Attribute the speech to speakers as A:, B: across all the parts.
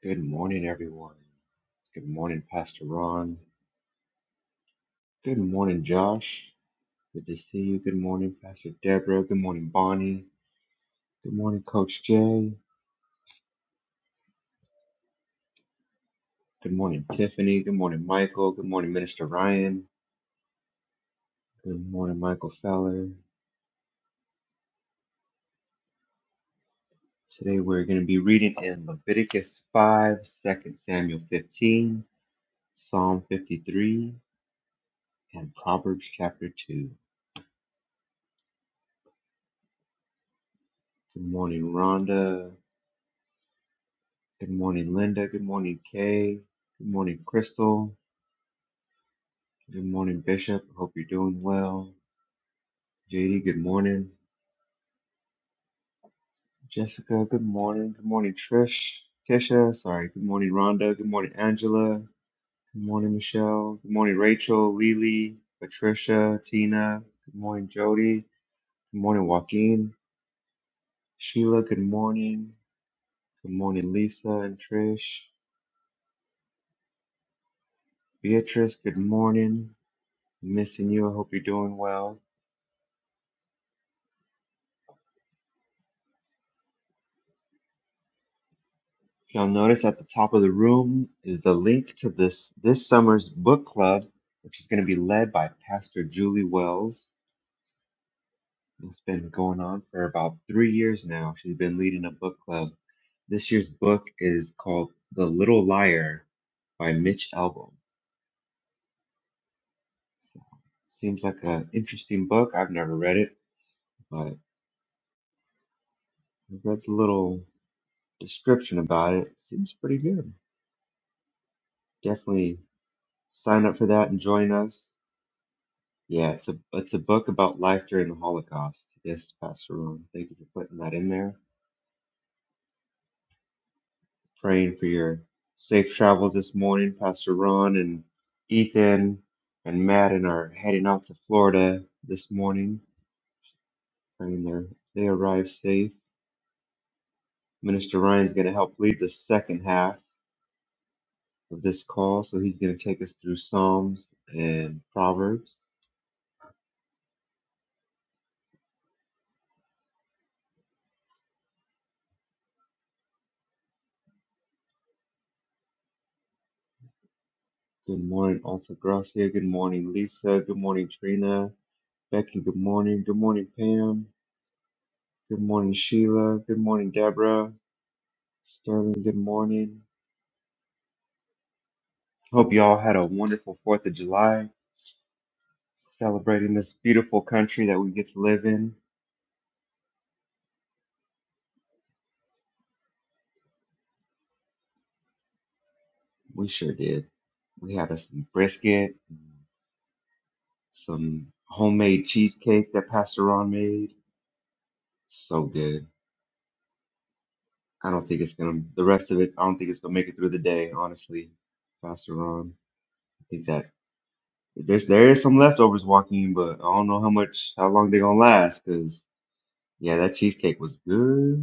A: Good morning, everyone. Good morning, Pastor Ron. Good morning, Josh. Good to see you. Good morning, Pastor Deborah. Good morning, Bonnie. Good morning, Coach Jay. Good morning, Tiffany. Good morning, Michael. Good morning, Minister Ryan. Good morning, Michael Feller. Today we're going to be reading in Leviticus 5, Second Samuel 15, Psalm 53, and Proverbs chapter 2. Good morning, Rhonda. Good morning, Linda. Good morning, Kay. Good morning, Crystal. Good morning, Bishop. Hope you're doing well. JD, good morning. Jessica, good morning. Good morning, Trish. Tisha, sorry. Good morning, Rhonda. Good morning, Angela. Good morning, Michelle. Good morning, Rachel, Lily, Patricia, Tina. Good morning, Jody. Good morning, Joaquin. Sheila, good morning. Good morning, Lisa and Trish. Beatrice, good morning. Missing you. I hope you're doing well. You'll notice at the top of the room is the link to this this summer's book club, which is going to be led by Pastor Julie Wells. It's been going on for about three years now. She's been leading a book club. This year's book is called The Little Liar by Mitch Albom. So, seems like an interesting book. I've never read it, but I've read the little description about it. Seems pretty good. Definitely sign up for that and join us. Yeah, it's a it's a book about life during the Holocaust. Yes, Pastor Ron. Thank you for putting that in there. Praying for your safe travels this morning, Pastor Ron and Ethan and Madden are heading out to Florida this morning. Praying they they arrive safe. Minister Ryan's going to help lead the second half of this call, so he's going to take us through Psalms and Proverbs. Good morning, Alta Gracia. Good morning, Lisa. Good morning, Trina. Becky, good morning. Good morning, Pam. Good morning, Sheila. Good morning, Deborah. Sterling, good morning. Hope you all had a wonderful 4th of July celebrating this beautiful country that we get to live in. We sure did. We had us some brisket, some homemade cheesecake that Pastor Ron made. So good. I don't think it's going to, the rest of it, I don't think it's going to make it through the day, honestly, Pastor Ron. I think that there's, there is some leftovers walking, but I don't know how much, how long they're going to last because yeah, that cheesecake was good.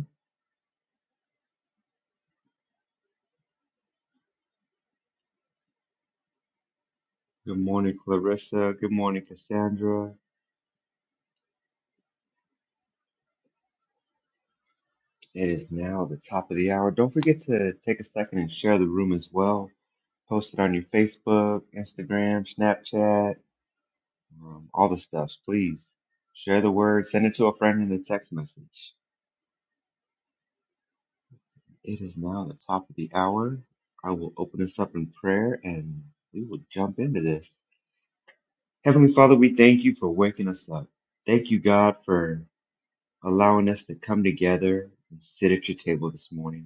A: Good morning, Clarissa. Good morning, Cassandra. It is now the top of the hour. Don't forget to take a second and share the room as well. Post it on your Facebook, Instagram, Snapchat, um, all the stuff. Please share the word. Send it to a friend in a text message. It is now the top of the hour. I will open this up in prayer and we will jump into this. Heavenly Father, we thank you for waking us up. Thank you, God, for allowing us to come together and sit at your table this morning.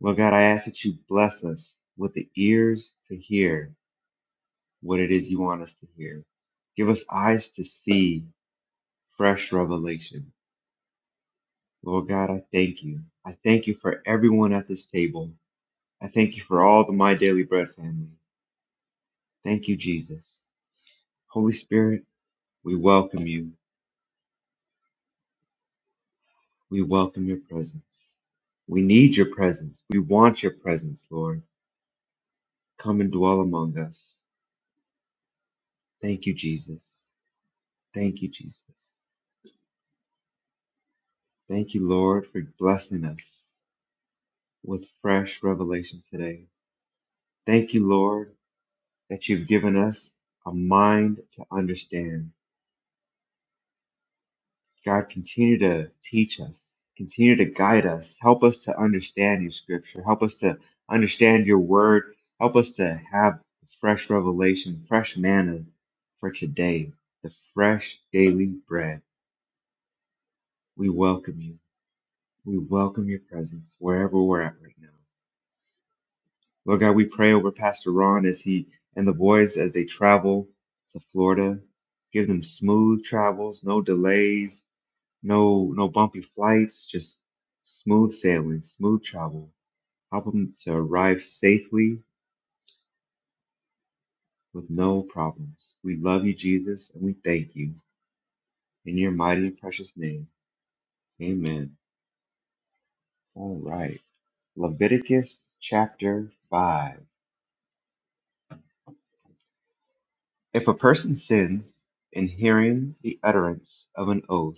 A: Lord God, I ask that you bless us with the ears to hear what it is you want us to hear. Give us eyes to see fresh revelation. Lord God, I thank you. I thank you for everyone at this table. I thank you for all the My Daily Bread family. Thank you, Jesus. Holy Spirit, we welcome you. We welcome your presence. We need your presence. We want your presence, Lord. Come and dwell among us. Thank you, Jesus. Thank you, Jesus. Thank you, Lord, for blessing us with fresh revelation today. Thank you, Lord, that you've given us a mind to understand. God, continue to teach us, continue to guide us. Help us to understand your scripture. Help us to understand your word. Help us to have fresh revelation, fresh manna for today, the fresh daily bread. We welcome you. We welcome your presence wherever we're at right now. Lord God, we pray over Pastor Ron as he and the boys as they travel to Florida. Give them smooth travels, no delays, no no bumpy flights, just smooth sailing, smooth travel. Help them to arrive safely with no problems. We love you, Jesus, and we thank you in your mighty and precious name. Amen. All right. Leviticus chapter 5. If a person sins in hearing the utterance of an oath,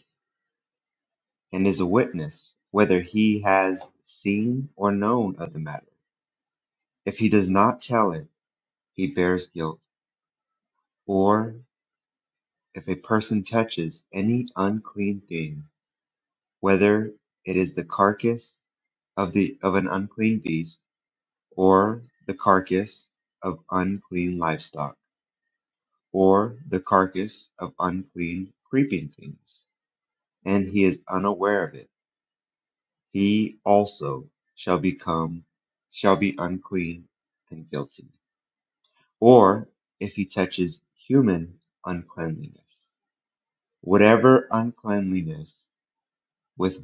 A: and is a witness whether he has seen or known of the matter. If he does not tell it, he bears guilt. Or if a person touches any unclean thing, whether it is the carcass of the of an unclean beast, or the carcass of unclean livestock, or the carcass of unclean creeping things, and he is unaware of it he also shall become shall be unclean and guilty or if he touches human uncleanliness whatever uncleanliness with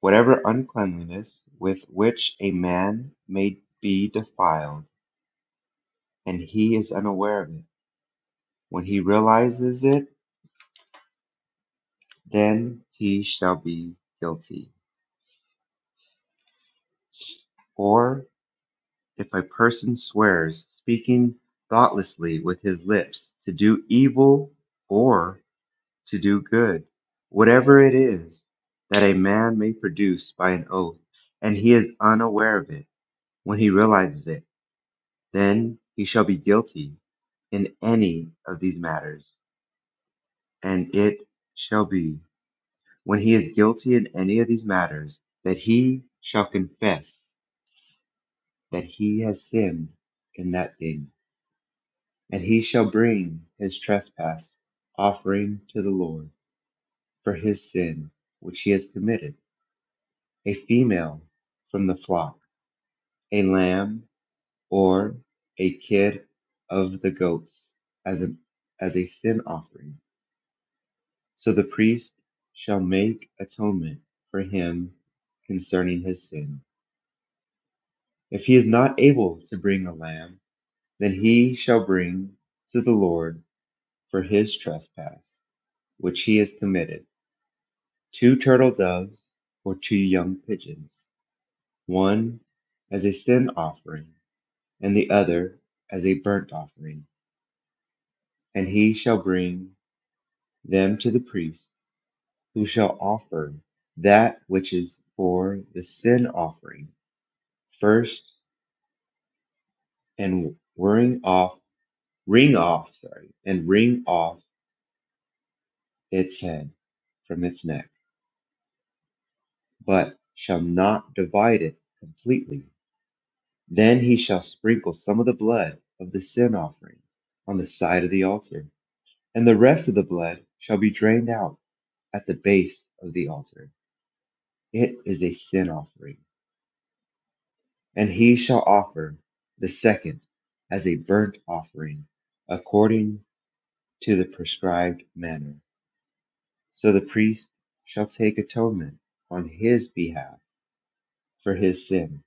A: whatever uncleanliness with which a man may be defiled and he is unaware of it when he realizes it then he shall be guilty or If a person swears, speaking thoughtlessly with his lips, to do evil or to do good, whatever it is that a man may produce by an oath, and he is unaware of it, when he realizes it, then he shall be guilty in any of these matters. And it shall be, when he is guilty in any of these matters, that he shall confess that he has sinned in that thing. And he shall bring his trespass offering to the Lord for his sin which he has committed, a female from the flock, a lamb or a kid of the goats as a, as a sin offering. So the priest shall make atonement for him concerning his sin. If he is not able to bring a lamb, then he shall bring to the Lord for his trespass which he has committed Two turtle doves or two young pigeons, one as a sin offering and the other as a burnt offering. And he shall bring them to the priest, who shall offer that which is for the sin offering first and wring off, wring off, sorry, and wring off its head from its neck, but shall not divide it completely Then he shall sprinkle some of the blood of the sin offering on the side of the altar, and the rest of the blood shall be drained out at the base of the altar. It is a sin offering. And he shall offer the second as a burnt offering according to the prescribed manner. So the priest shall take atonement on his behalf for his sin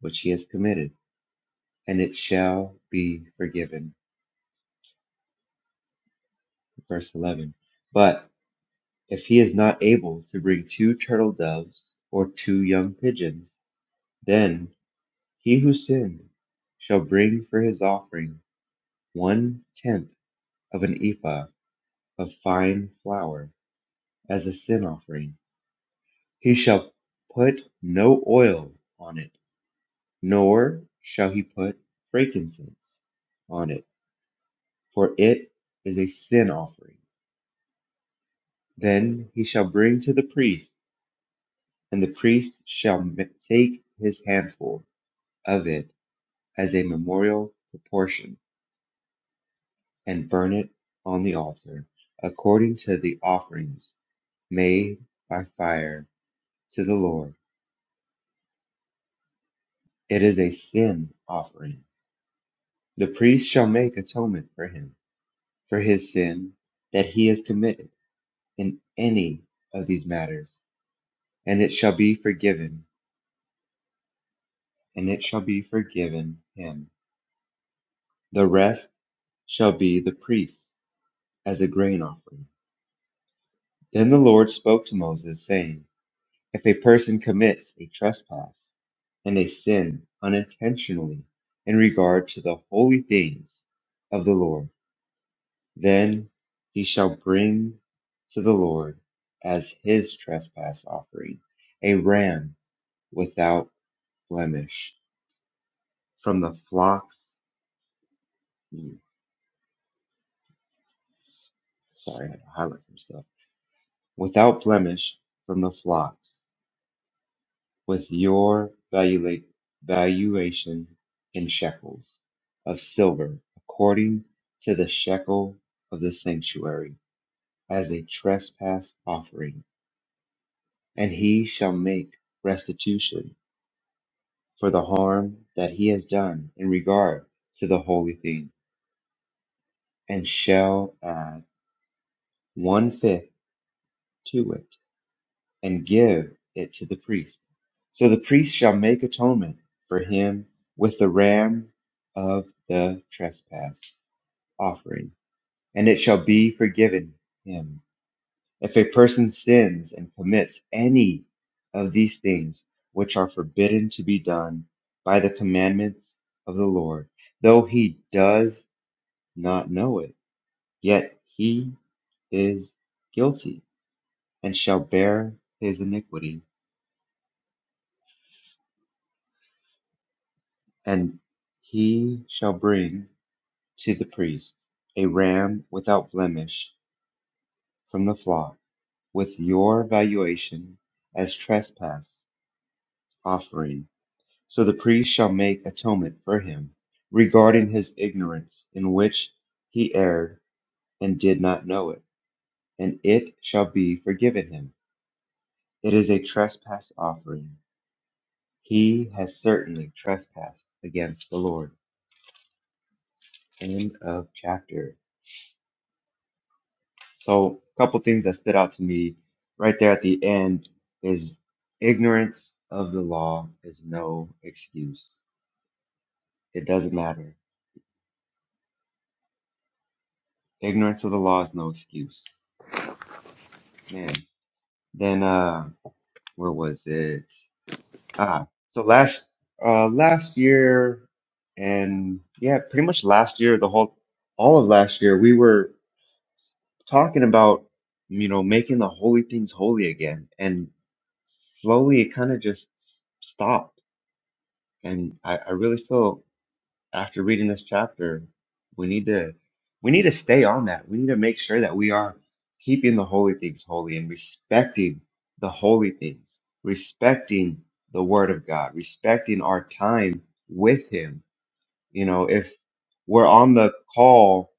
A: which he has committed, and it shall be forgiven. Verse 11. but. If he is not able to bring two turtle doves or two young pigeons, then he who sinned shall bring for his offering one tenth of an ephah of fine flour as a sin offering. He shall put no oil on it, nor shall he put frankincense on it, for it is a sin offering. Then he shall bring to the priest, and the priest shall take his handful of it as a memorial proportion, and burn it on the altar, according to the offerings made by fire to the Lord. It is a sin offering. The priest shall make atonement for him, for his sin that he has committed in any of these matters, and it shall be forgiven, and it shall be forgiven him. The rest shall be the priest's as a grain offering. Then the Lord spoke to Moses, saying, If a person commits a trespass and a sin unintentionally in regard to the holy things of the Lord, then he shall bring to the Lord as his trespass offering a ram without blemish from the flocks. mm, Sorry, I had to highlight some stuff. Without blemish from the flocks with your valula- valuation in shekels of silver, according to the shekel of the sanctuary, as a trespass offering. And he shall make restitution for the harm that he has done in regard to the holy thing, and shall add one fifth to it. and give it to the priest. So the priest shall make atonement for him with the ram of the trespass offering, and it shall be forgiven him. If a person sins and commits any of these things which are forbidden to be done by the commandments of the Lord, though he does not know it, yet he is guilty and shall bear his iniquity. And he shall bring to the priest a ram without blemish from the flock, with your valuation as trespass offering. So the priest shall make atonement for him regarding his ignorance, in which he erred and did not know it, and it shall be forgiven him. It is a trespass offering. He has certainly trespassed against the Lord. End of chapter. So, a couple things that stood out to me right there at the end is ignorance of the law is no excuse. It doesn't matter. Ignorance of the law is no excuse. Man. Then uh where was it? Ah, so last uh last year and yeah, pretty much last year, the whole all of last year, we were talking about you know making the holy things holy again and slowly it kind of just stopped And I, I really feel after reading this chapter, we need to we need to stay on that. We need to make sure that we are keeping the holy things holy and respecting the holy things, respecting the word of God, respecting our time with him. You know, if we're on the call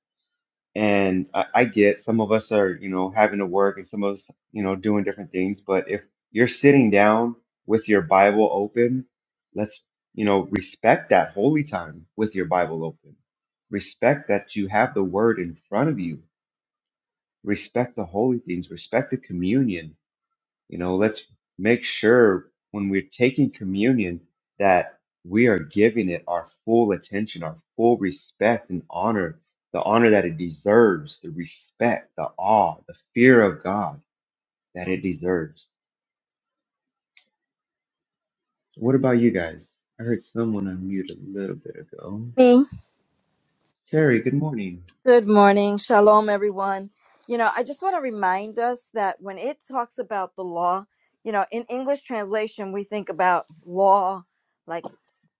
A: and I, I get some of us are, you know, having to work and some of us, you know, doing different things. But if you're sitting down with your Bible open, let's, you know, respect that holy time with your Bible open. Respect that you have the word in front of you. Respect the holy things. Respect the communion you know, let's make sure when we're taking communion that we are giving it our full attention, our full respect and honor, the honor that it deserves, the respect, the awe, the fear of God that it deserves. What about you guys? I heard someone on mute a little bit ago.
B: Me.
A: Terry, good morning.
B: Good morning. Shalom, everyone. You know, I just want to remind us that when it talks about the law, you know, in English translation, we think about law like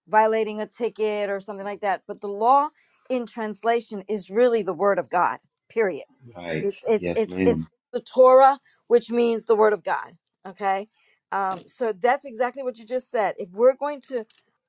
B: violating a ticket or something like that. But the law in translation is really the word of God, period
A: Right.
B: it, it's
A: Yes,
B: it's
A: ma'am.
B: it's the Torah, which means the Word of God. Okay, um, so that's exactly what you just said. If we're going to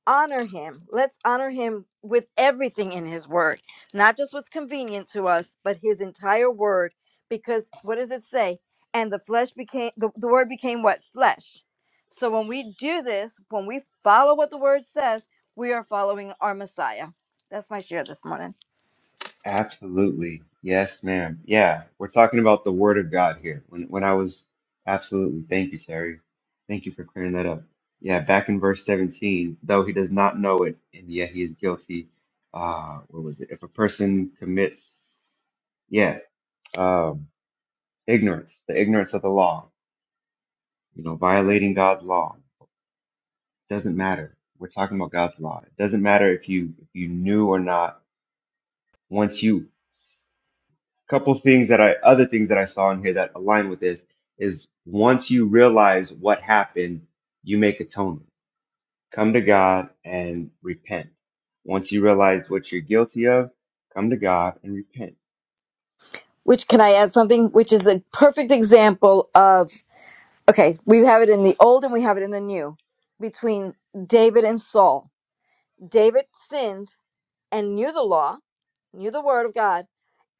B: honor Him, let's honor Him with everything in His Word, not just what's convenient to us, but His entire Word. Because what does it say? And the flesh became the, the Word became what flesh. So when we do this, when we follow what the Word says, we are following our Messiah. That's my share this morning.
A: Absolutely. Yes, ma'am. Yeah, we're talking about the Word of God here. When when I was absolutely, thank you, Terry. Thank you for clearing that up. Yeah, back in verse 17, though he does not know it, and yet he is guilty. Uh, what was it? If a person commits, yeah, um, ignorance, the ignorance of the law, you know, violating God's law, doesn't matter. We're talking about God's law. It doesn't matter if you if you knew or not. Once you couple things that I other things that I saw in here that align with this is once you realize what happened, you make atonement. Come to God and repent. Once you realize what you're guilty of, come to God and repent.
B: which can I add something? Which is a perfect example of okay, we have it in the old and we have it in the new between David and Saul. David sinned and knew the law, knew the word of God,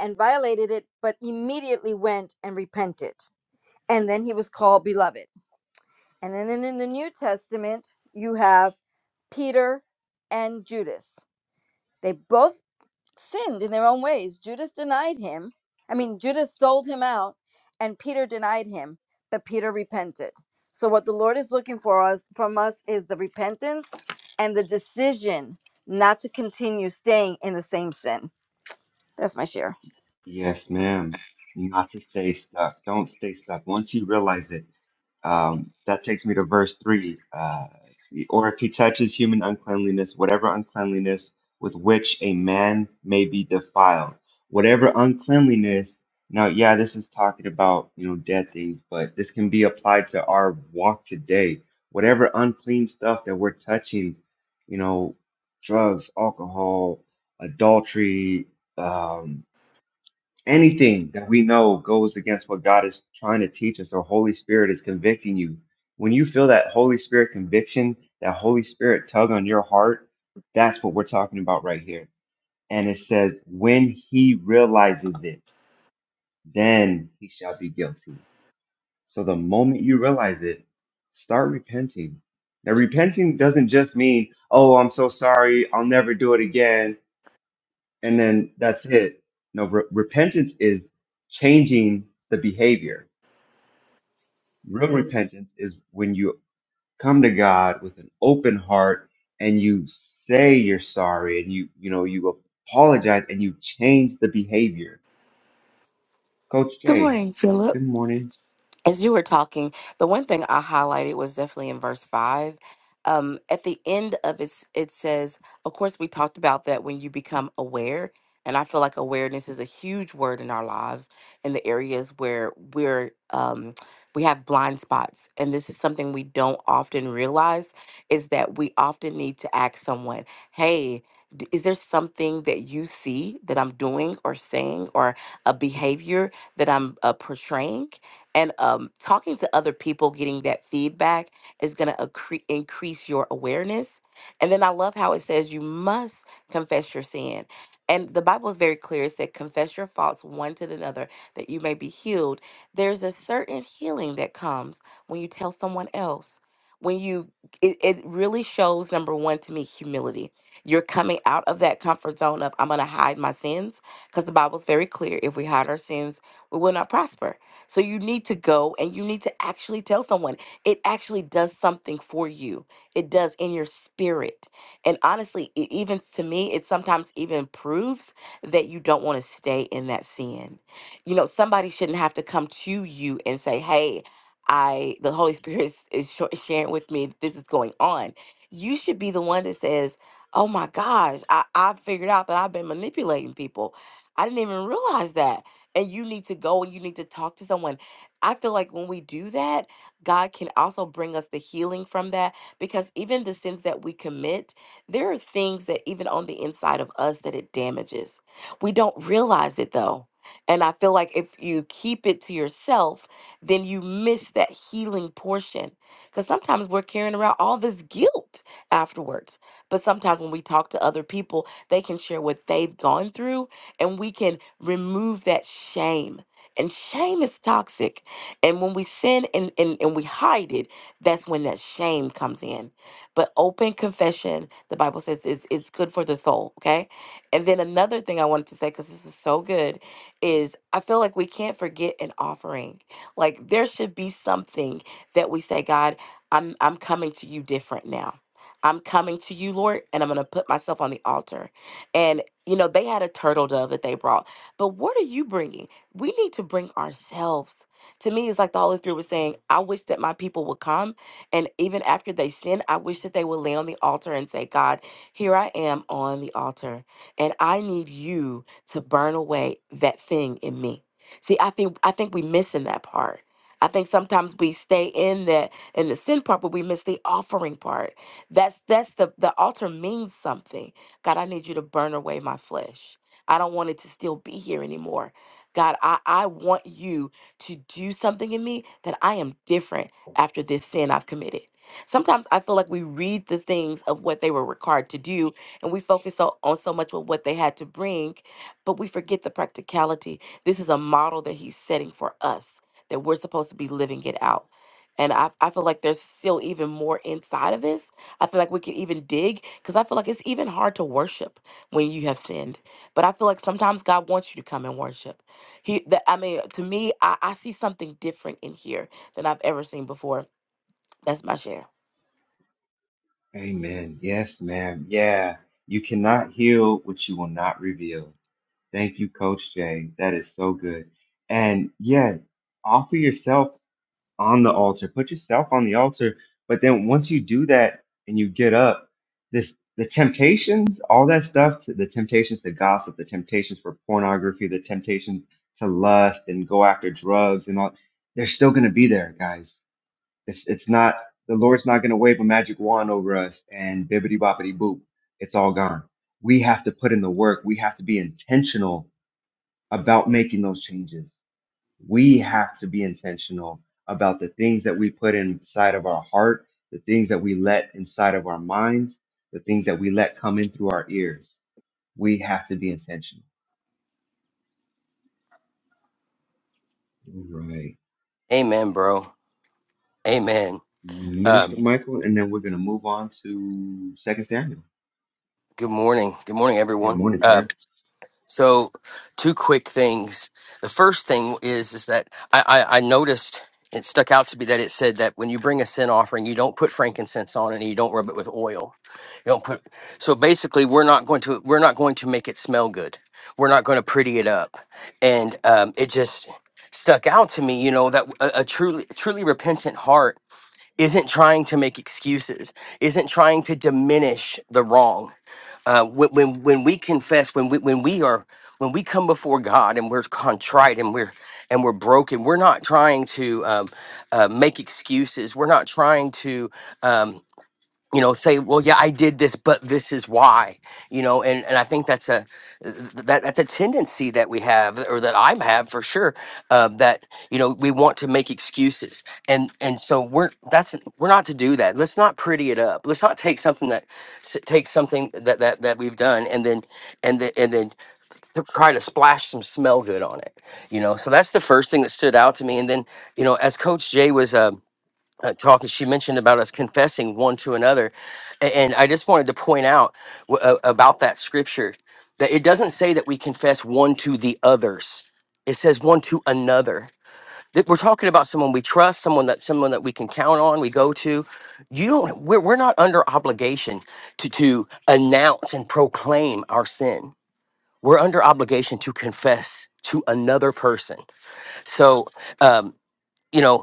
B: and violated it, but immediately went and repented. And then he was called beloved. And then in the New Testament, you have Peter and Judas. They both sinned in their own ways. Judas denied him. I mean, Judas sold him out, and Peter denied him, but Peter repented. So, what the Lord is looking for us from us is the repentance and the decision not to continue staying in the same sin. That's my share.
A: Yes, ma'am. Not to stay stuck. Don't stay stuck. Once you realize it, Um, that takes me to verse 3. Uh, let's see, or if he touches human uncleanliness, whatever uncleanliness with which a man may be defiled, whatever uncleanliness. Now, yeah, this is talking about, you know, dead things, but this can be applied to our walk today. Whatever unclean stuff that we're touching, you know, drugs, alcohol, adultery, um, anything that we know goes against what God is trying to teach us or Holy Spirit is convicting you, when you feel that Holy Spirit conviction, that Holy Spirit tug on your heart, that's what we're talking about right here. And it says, when he realizes it, then he shall be guilty. So the moment you realize it, start repenting. Now, repenting doesn't just mean, oh, I'm so sorry, I'll never do it again and then that's it. No, re- repentance is changing the behavior. Real repentance is when you come to God with an open heart and you say you're sorry and you you know you apologize and you change the behavior. Coach
C: Good
A: Jay,
C: morning, Philip
A: good morning.
C: as you were talking, the one thing I highlighted was definitely in verse five. Um, at the end of it, it says, of course, we talked about that when you become aware. And I feel like awareness is a huge word in our lives in the areas where we're, um, we have blind spots. And this is something we don't often realize is that we often need to ask someone, hey, d- is there something that you see that I'm doing or saying or a behavior that I'm uh, portraying? And um, talking to other people, getting that feedback is going to accre- increase your awareness. And then I love how it says you must confess your sin. And the Bible is very clear. It said, confess your faults one to another that you may be healed. There's a certain healing that comes when you tell someone else. When you, it, it really shows, number one, to me, humility. You're coming out of that comfort zone of, I'm going to hide my sins, because the Bible's very clear. If we hide our sins, we will not prosper so you need to go and you need to actually tell someone. It actually does something for you. It does in your spirit. And honestly, it even to me, it sometimes even proves that you don't want to stay in that sin. You know, somebody shouldn't have to come to you and say, "Hey, I the Holy Spirit is, is sho- sharing with me that this is going on." You should be the one that says, "Oh my gosh, I I figured out that I've been manipulating people. I didn't even realize that." and you need to go and you need to talk to someone. I feel like when we do that, God can also bring us the healing from that because even the sins that we commit, there are things that even on the inside of us that it damages. We don't realize it though. And I feel like if you keep it to yourself, then you miss that healing portion. Because sometimes we're carrying around all this guilt afterwards. But sometimes when we talk to other people, they can share what they've gone through and we can remove that shame. And shame is toxic. And when we sin and, and, and we hide it, that's when that shame comes in. But open confession, the Bible says, is it's good for the soul. Okay. And then another thing I wanted to say, because this is so good, is I feel like we can't forget an offering. Like there should be something that we say, God, I'm I'm coming to you different now. I'm coming to you, Lord, and I'm gonna put myself on the altar. You know, they had a turtle dove that they brought. But what are you bringing? We need to bring ourselves. To me, it's like the Holy Spirit was saying, I wish that my people would come. And even after they sin, I wish that they would lay on the altar and say, God, here I am on the altar. And I need you to burn away that thing in me. See, I think I think we missing that part. I think sometimes we stay in that in the sin part, but we miss the offering part. That's that's the the altar means something God, I need you to burn away my flesh. I don't want it to still be here anymore. God, I, I want you to do something in me that I am different after this sin I've committed. Sometimes I feel like we read the things of what they were required to do and we focus so, on so much of what they had to bring, but we forget the practicality. This is a model that he's setting for us that we're supposed to be living it out. And I, I feel like there's still even more inside of this I feel like we can even dig because I feel like it's even hard to worship when you have sinned. But I feel like sometimes God wants you to come and worship. He, that I mean, to me, I, I see something different in here than I've ever seen before. That's my share.
A: Amen. Yes, ma'am. Yeah. You cannot heal what you will not reveal. Thank you, Coach Jay. That is so good. And yeah, offer yourself on the altar. Put yourself on the altar. But then once you do that and you get up, this the temptations, all that stuff, to, the temptations to gossip, the temptations for pornography, the temptations to lust and go after drugs and all, they're still going to be there, guys. It's it's not the Lord's not going to wave a magic wand over us and bibbity boppity boop, it's all gone. We have to put in the work. We have to be intentional about making those changes we have to be intentional about the things that we put inside of our heart, the things that we let inside of our minds, the things that we let come in through our ears. We have to be intentional. All right.
D: Amen, bro. Amen.
A: Minister
D: Um,
A: Michael, and then we're going to move on to Second Samuel.
D: good morning. Good morning,
A: Good
D: everyone.
A: morning,
D: Um,
A: sir.
D: so, two quick things. The first thing is is that I, I, I noticed it stuck out to me that it said that when you bring a sin offering, you don't put frankincense on it and you don't rub it with oil. You don't put. So basically, we're not going to we're not going to make it smell good. We're not going to pretty it up, and um, it just stuck out to me. You know that a, a truly truly repentant heart isn't trying to make excuses, isn't trying to diminish the wrong. Uh, when, when when we confess, when we when we are when we come before God and we're contrite and we're and we're broken, we're not trying to um, uh, make excuses. We're not trying to. Um, you know say well yeah i did this but this is why you know and and i think that's a that that's a tendency that we have or that i'm have for sure um, that you know we want to make excuses and and so we're that's we're not to do that let's not pretty it up let's not take something that s- take something that that that we've done and then and then and then to try to splash some smell good on it you know so that's the first thing that stood out to me and then you know as coach jay was uh, uh, talk and she mentioned about us confessing one to another A- and, i just wanted to point out w- uh, about that scripture that it doesn't say that we confess one to the others it says one to another that we're talking about someone we trust someone that someone that we can count on we go to you don't we're, we're not under obligation to to announce and proclaim our sin we're under obligation to confess to another person so um you know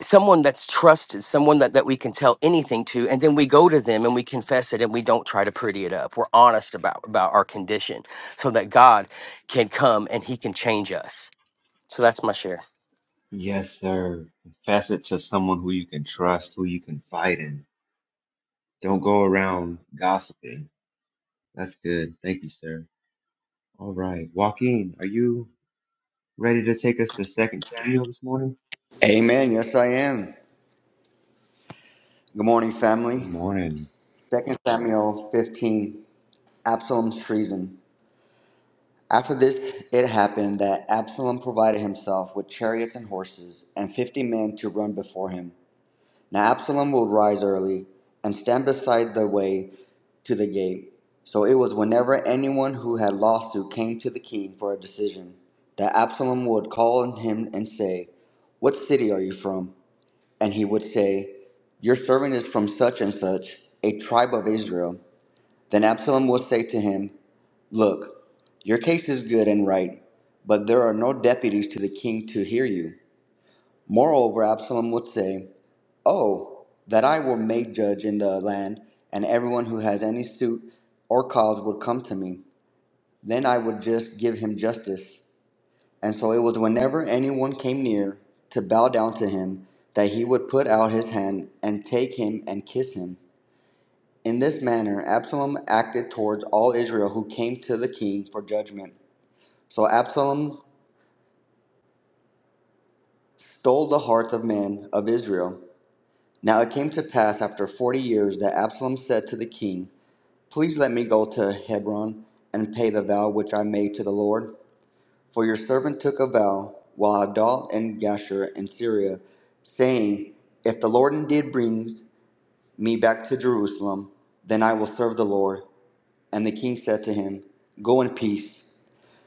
D: someone that's trusted, someone that, that we can tell anything to, and then we go to them and we confess it and we don't try to pretty it up. We're honest about, about our condition so that God can come and he can change us. So that's my share.
A: Yes, sir. Confess it to someone who you can trust, who you can fight in. Don't go around gossiping. That's good. Thank you, sir. All right. Joaquin, are you? Ready to take us to Second Samuel this morning?
E: Amen. Yes, I am. Good morning,
A: Good
E: family.
A: morning.
E: Second Samuel 15, Absalom's treason. After this, it happened that Absalom provided himself with chariots and horses and 50 men to run before him. Now Absalom would rise early and stand beside the way to the gate. So it was whenever anyone who had lawsuit came to the king for a decision, that Absalom would call on him and say, What city are you from? and he would say, Your servant is from such and such, a tribe of Israel. Then Absalom would say to him, Look, your case is good and right, but there are no deputies to the king to hear you. Moreover, Absalom would say, Oh, that I were made judge in the land, and everyone who has any suit or cause would come to me. Then I would just give him justice, and so it was whenever anyone came near to bow down to him that he would put out his hand and take him and kiss him. In this manner, Absalom acted towards all Israel who came to the king for judgment. So Absalom stole the hearts of men of Israel. Now it came to pass after forty years that Absalom said to the king, Please let me go to Hebron and pay the vow which I made to the Lord. For your servant took a vow while I dwelt in Geshur and Syria, saying, If the Lord indeed brings me back to Jerusalem, then I will serve the Lord. And the king said to him, Go in peace.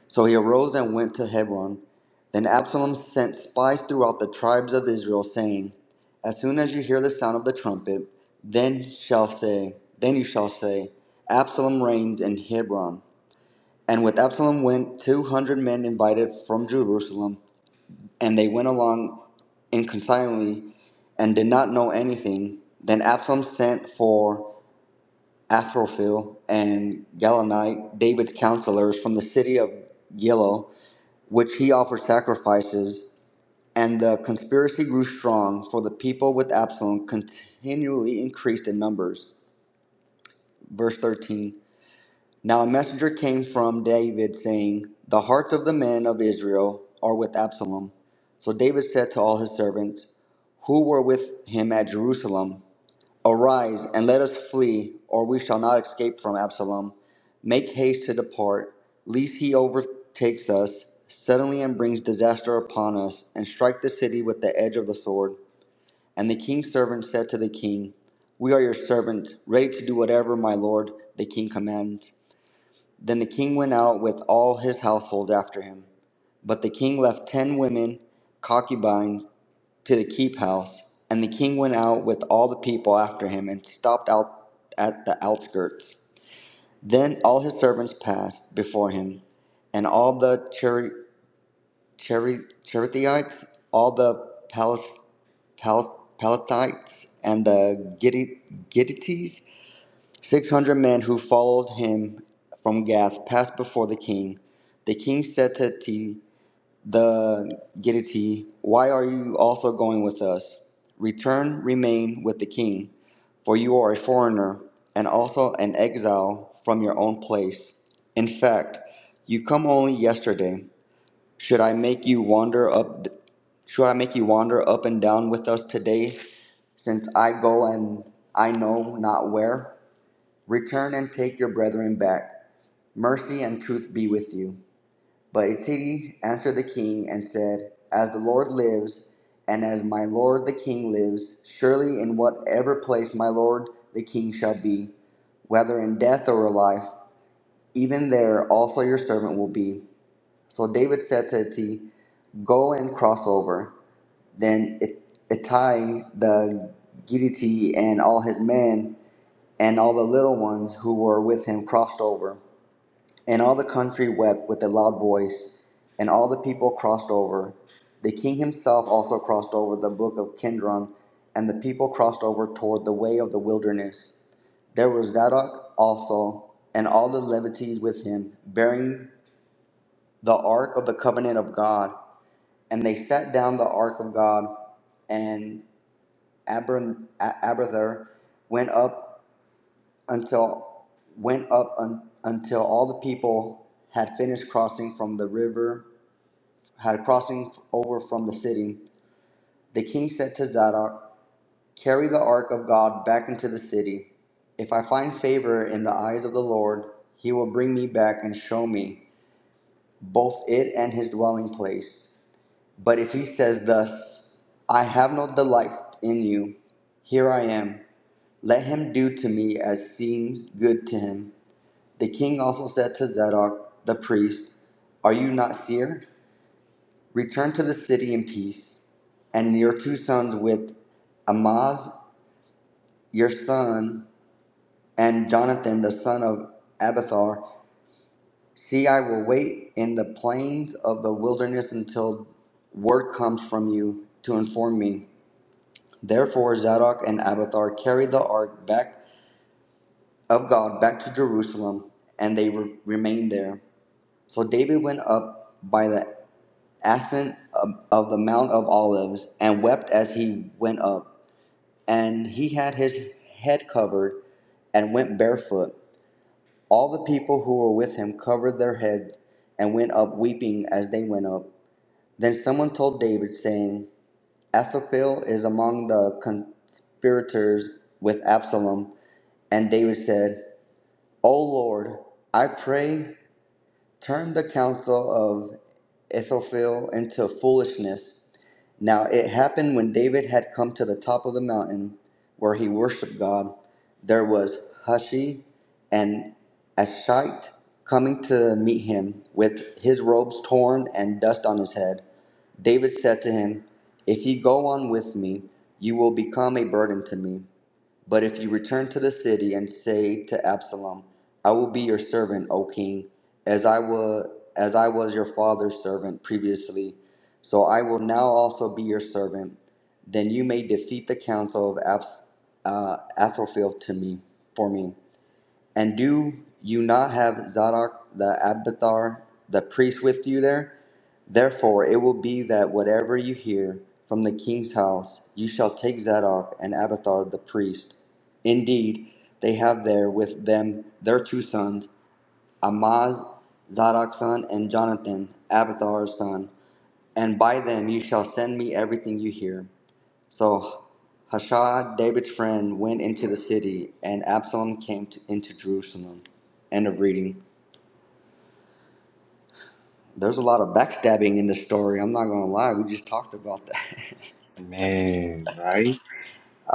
E: So he arose and went to Hebron. Then Absalom sent spies throughout the tribes of Israel, saying, As soon as you hear the sound of the trumpet, then shall say, then you shall say, Absalom reigns in Hebron. And with Absalom went two hundred men invited from Jerusalem and they went along inconsignedly and did not know anything. Then Absalom sent for Athrophel and Galanite, David's counselors from the city of Gilo, which he offered sacrifices. And the conspiracy grew strong, for the people with Absalom continually increased in numbers. Verse 13. Now a messenger came from David saying, The hearts of the men of Israel are with Absalom. So David said to all his servants who were with him at Jerusalem, Arise and let us flee, or we shall not escape from Absalom. Make haste to depart, lest he overtakes us suddenly and brings disaster upon us, and strike the city with the edge of the sword. And the king's servant said to the king, We are your servants, ready to do whatever my lord the king commands. Then the king went out with all his household after him. But the king left ten women, concubines, to the keep house. And the king went out with all the people after him and stopped out at the outskirts. Then all his servants passed before him, and all the Cheri- Cheri- Cherethites, all the Palis- Pal- Palathites, and the Gittites, Six hundred men who followed him from Gath passed before the king. The king said to T, the Gittite, Why are you also going with us? Return, remain with the king, for you are a foreigner and also an exile from your own place. In fact, you come only yesterday. Should I make you wander up? Should I make you wander up and down with us today, since I go and I know not where? Return and take your brethren back. Mercy and truth be with you. But Etiti answered the king and said, As the Lord lives, and as my lord the king lives, surely in whatever place my lord the king shall be, whether in death or in life, even there also your servant will be. So David said to Ittai, Go and cross over. Then It- Ittai the Gittite and all his men and all the little ones who were with him crossed over. And all the country wept with a loud voice, and all the people crossed over. The king himself also crossed over the brook of Kindron, and the people crossed over toward the way of the wilderness. There was Zadok also, and all the Levites with him, bearing the ark of the covenant of God. And they set down the ark of God, and Abra- A- Abiathar went up until went up un, until all the people had finished crossing from the river had crossing over from the city, the king said to Zadok, Carry the ark of God back into the city. If I find favor in the eyes of the Lord, he will bring me back and show me both it and his dwelling place. But if he says thus, I have no delight in you, here I am, let him do to me as seems good to him. The king also said to Zadok the priest, Are you not seer? Return to the city in peace, and your two sons with Amaz your son and Jonathan the son of Abathar. See, I will wait in the plains of the wilderness until word comes from you to inform me. Therefore Zadok and Abathar carried the ark back of God back to Jerusalem, and they re- remained there. So David went up by the ascent of, of the Mount of Olives and wept as he went up. and he had his head covered and went barefoot. All the people who were with him covered their heads and went up weeping as they went up. Then someone told David, saying, Ahithophel is among the conspirators with Absalom. And David said, O Lord, I pray, turn the counsel of Ahithophel into foolishness now it happened when David had come to the top of the mountain where he worshiped God, there was Hushi and Ashite coming to meet him with his robes torn and dust on his head. David said to him, If you go on with me, you will become a burden to me. But if you return to the city and say to Absalom, I will be your servant, O king, as I was as I was your father's servant previously, so I will now also be your servant, then you may defeat the counsel of Abs- uh, Ahithophel to me for me. And do you not have Zadok the Abiathar, the priest, with you there? Therefore it will be that whatever you hear from the king's house, you shall take Zadok and Abiathar the priest. Indeed, they have there with them their two sons, Amaz, Zadok's son, and Jonathan, Abiathar's son. And by them you shall send me everything you hear. So Hushai, David's friend, went into the city, and Absalom came to, into Jerusalem. End of reading. There's a lot of backstabbing in this story. I'm not going to lie. We just talked about that.
A: Man, right?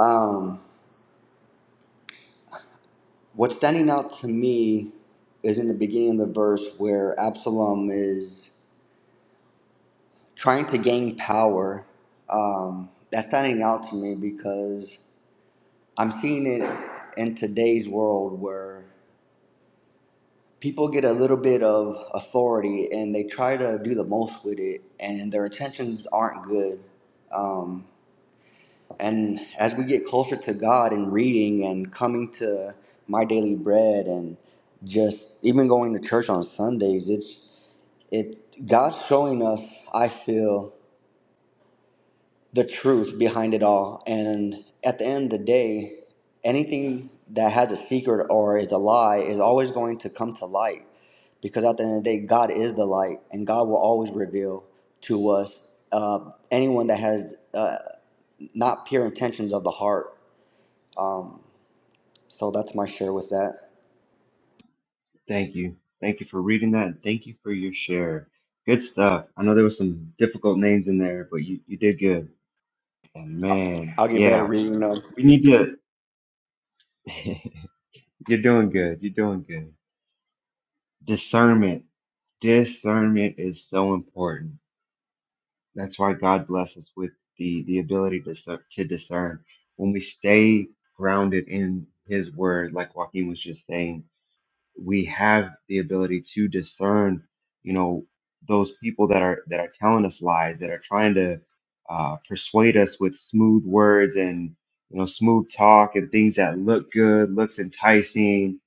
E: um, what's standing out to me is in the beginning of the verse where Absalom is trying to gain power. Um, that's standing out to me because I'm seeing it in today's world where people get a little bit of authority and they try to do the most with it and their intentions aren't good um, and as we get closer to god and reading and coming to my daily bread and just even going to church on sundays it's it's god's showing us i feel the truth behind it all. And at the end of the day, anything that has a secret or is a lie is always going to come to light because at the end of the day, God is the light and God will always reveal to us uh, anyone that has uh, not pure intentions of the heart. Um, so that's my share with that.
A: Thank you. Thank you for reading that and thank you for your share. Good stuff. I know there was some difficult names in there, but you, you did good. And man,
E: I'll get better
A: yeah.
E: reading them.
A: We need to you're doing good. You're doing good. Discernment. Discernment is so important. That's why God blesses us with the, the ability to, discer- to discern. When we stay grounded in his word, like Joaquin was just saying we have the ability to discern, you know, those people that are that are telling us lies, that are trying to uh, persuade us with smooth words and you know smooth talk and things that look good, looks enticing,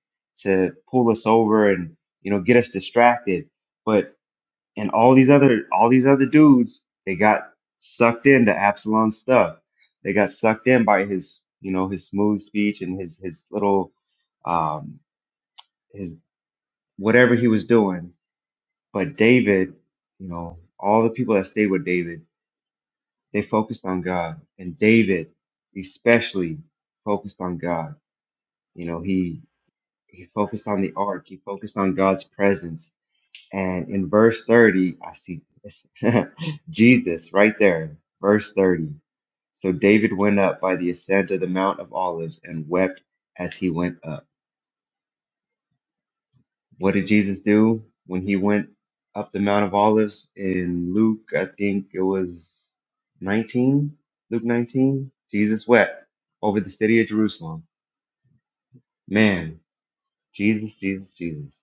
A: to pull us over and you know get us distracted. But and all these other all these other dudes, they got sucked into Absalom stuff. They got sucked in by his you know his smooth speech and his his little um, his whatever he was doing. But David, you know, all the people that stayed with David, they focused on God. And David especially focused on God. You know, he he focused on the ark, he focused on God's presence. And in verse 30, I see this. Jesus right there, verse 30. So David went up by the ascent of the Mount of Olives and wept as he went up. What did Jesus do when he went up the Mount of Olives in Luke? I think it was 19, Luke 19. Jesus wept over the city of Jerusalem. Man, Jesus, Jesus, Jesus.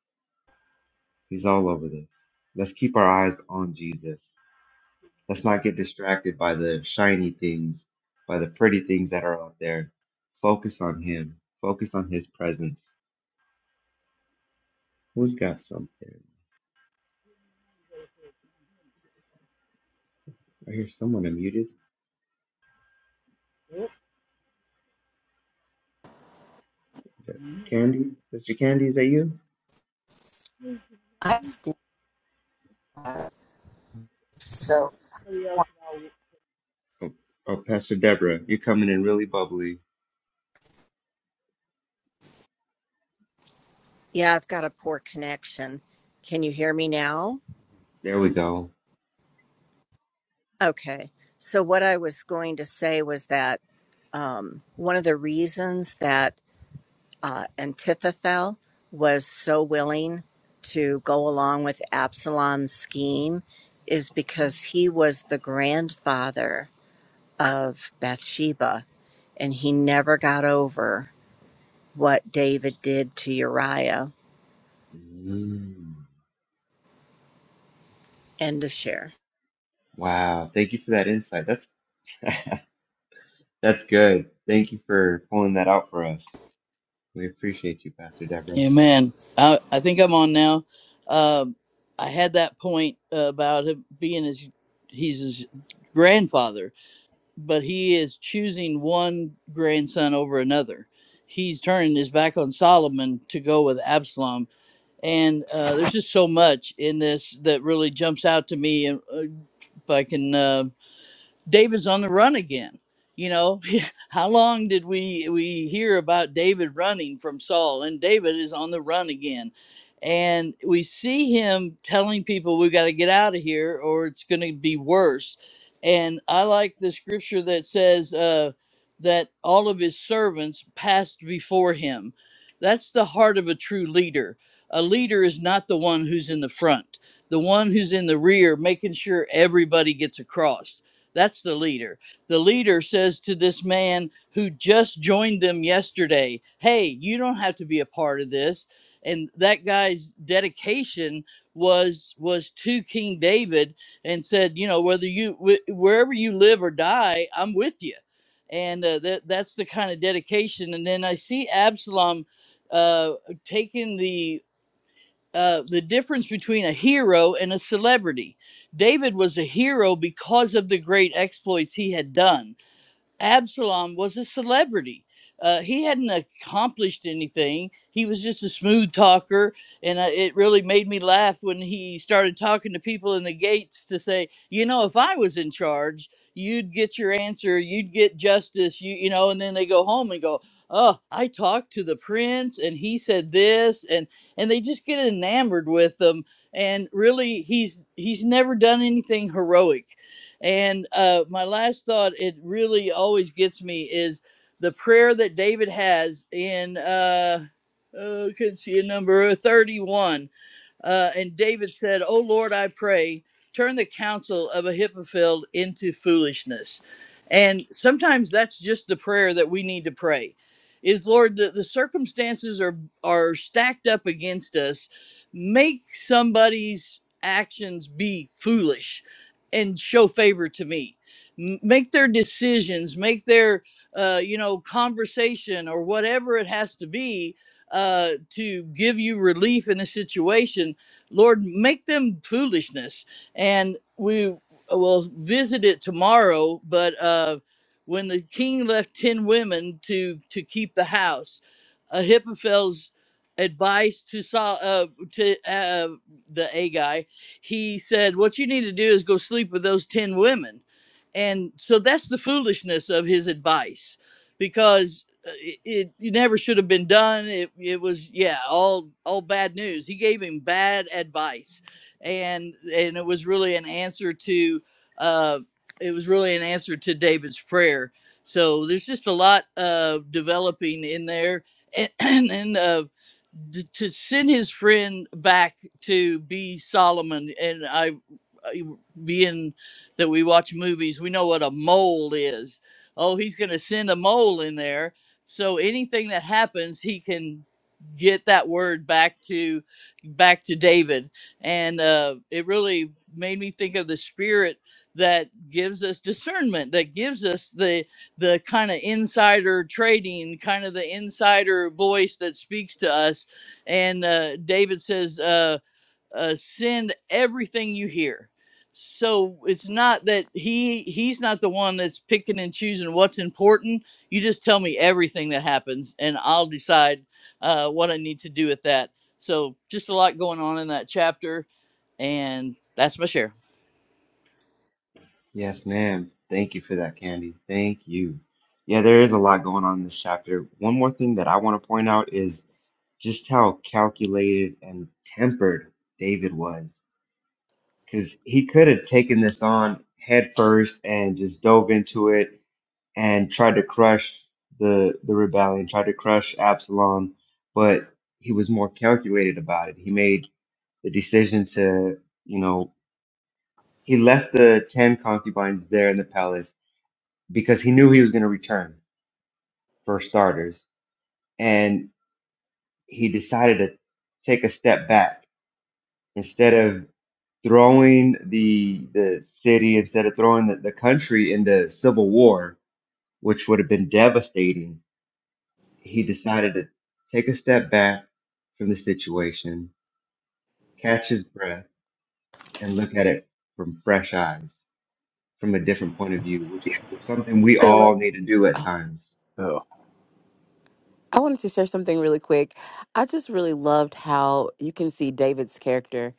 A: He's all over this. Let's keep our eyes on Jesus. Let's not get distracted by the shiny things, by the pretty things that are out there. Focus on Him. Focus on His presence. Who's got something? I hear someone unmuted. Is that Candy? Sister Candy, is that you?
F: I still have so
A: Oh, oh, Pastor Deborah, you're coming in really bubbly.
F: Yeah, I've got a poor connection. Can you hear me now?
A: There we go.
F: Okay. So, what I was going to say was that um, one of the reasons that uh, Antiphathel was so willing to go along with Absalom's scheme is because he was the grandfather of Bathsheba and he never got over what David did to Uriah.
A: Mm.
F: End of share.
A: Wow. Thank you for that insight. That's that's good. Thank you for pulling that out for us. We appreciate you, Pastor Deborah.
G: Amen. I, I think I'm on now. Um, I had that point about him being his, he's his grandfather, but he is choosing one grandson over another. He's turning his back on Solomon to go with Absalom. And uh, there's just so much in this that really jumps out to me. And uh, if I can. uh, David's on the run again. You know, how long did we we hear about David running from Saul? And David is on the run again. And we see him telling people we got to get out of here or it's going to be worse. And I like the scripture that says uh, that all of his servants passed before him. That's the heart of a true leader. A leader is not the one who's in the front, the one who's in the rear, making sure everybody gets across that's the leader. The leader says to this man who just joined them yesterday, Hey, you don't have to be a part of this. And that guy's dedication was was to King David and said, you know, whether you wh- wherever you live or die, I'm with you. And uh, that that's the kind of dedication. And then I see Absalom uh, taking the uh, the difference between a hero and a celebrity. David was a hero because of the great exploits he had done Absalom was a celebrity. Uh, he hadn't accomplished anything. He was just a smooth talker, and uh, it really made me laugh when he started talking to people in the gates to say, you know, if I was in charge, you'd get your answer, you'd get justice, you you know. And then they go home and go, oh, I talked to the prince, and he said this, and and they just get enamored with them. And really, he's he's never done anything heroic and uh, my last thought, it really always gets me, is the prayer that David has in, uh, oh, I couldn't see a number, uh, 31. Uh, and David said, "O Lord, I pray, turn the counsel of Ahithophel into foolishness." And sometimes that's just the prayer that we need to pray. Is Lord, the, the circumstances are are stacked up against us. Make somebody's actions be foolish, and show favor to me. M- make their decisions, make their uh, you know conversation or whatever it has to be uh, to give you relief in a situation, Lord, make them foolishness. And we uh, will visit it tomorrow. But uh, when the king left ten women to to keep the house, Ahithophel's advice to Saul uh, to uh, the A guy, he said, "What you need to do is go sleep with those ten women." And so that's the foolishness of his advice because uh, it, it it never should have been done. It it was yeah all all bad news. He gave him bad advice, and and it was really an answer to uh it was really an answer to David's prayer. So there's just a lot uh, developing in there, and and uh, d- to send his friend back to be Solomon and I, I- being that we watch movies, we know what a mole is. Oh, he's going to send a mole in there. So anything that happens, he can get that word back to back to David. And uh, it really made me think of the spirit that gives us discernment, that gives us the the kind of insider trading, kind of the insider voice that speaks to us and uh, David says, uh, uh, "Send everything you hear." So it's not that he he's not the one that's picking and choosing what's important. You just tell me everything that happens, and I'll decide uh, what I need to do with that. So just a lot going on in that chapter, and that's my share.
A: Yes, ma'am. Thank you for that, Candy. Thank you. Yeah, there is a lot going on in this chapter. One more thing that I want to point out is just how calculated and tempered David was. Because he could have taken this on head first and just dove into it and tried to crush the the rebellion, tried to crush Absalom, but he was more calculated about it. He made the decision to, you know, he left the ten concubines there in the palace because he knew he was going to return for starters, and he decided to take a step back instead of throwing the the city instead of throwing the, the country into civil war, which would have been devastating he decided to take a step back from the situation, catch his breath, and look at it from fresh eyes, from a different point of view, which is something we
C: Philip,
A: all need to do at
C: I
A: times.
H: Yeah.
C: wanted to share something really quick. I just really loved how you can see David's character.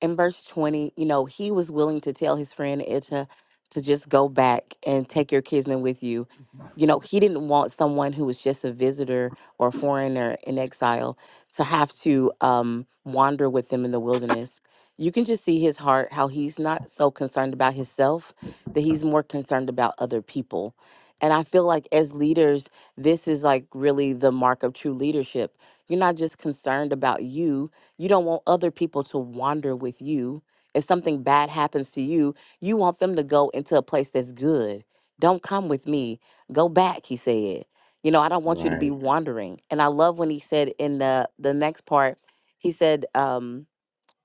C: in verse 20, you know, he was willing to tell his friend Itcha to just go back and take your kinsman with you. Mhm. You know, he didn't want someone who was just a visitor or foreigner in exile to have to um, wander with them in the wilderness. You can just see his heart, how he's not so concerned about himself, that he's more concerned about other people. And I feel like as leaders, this is like really the mark of true leadership. You're not just concerned about you, you don't want other people to wander with you. If something bad happens to you, you want them to go into a place that's good. Don't come with me. Go back, he said. You know, I don't want you to be
A: Right.
C: wandering. And I love when he said in the the next part, he said, um,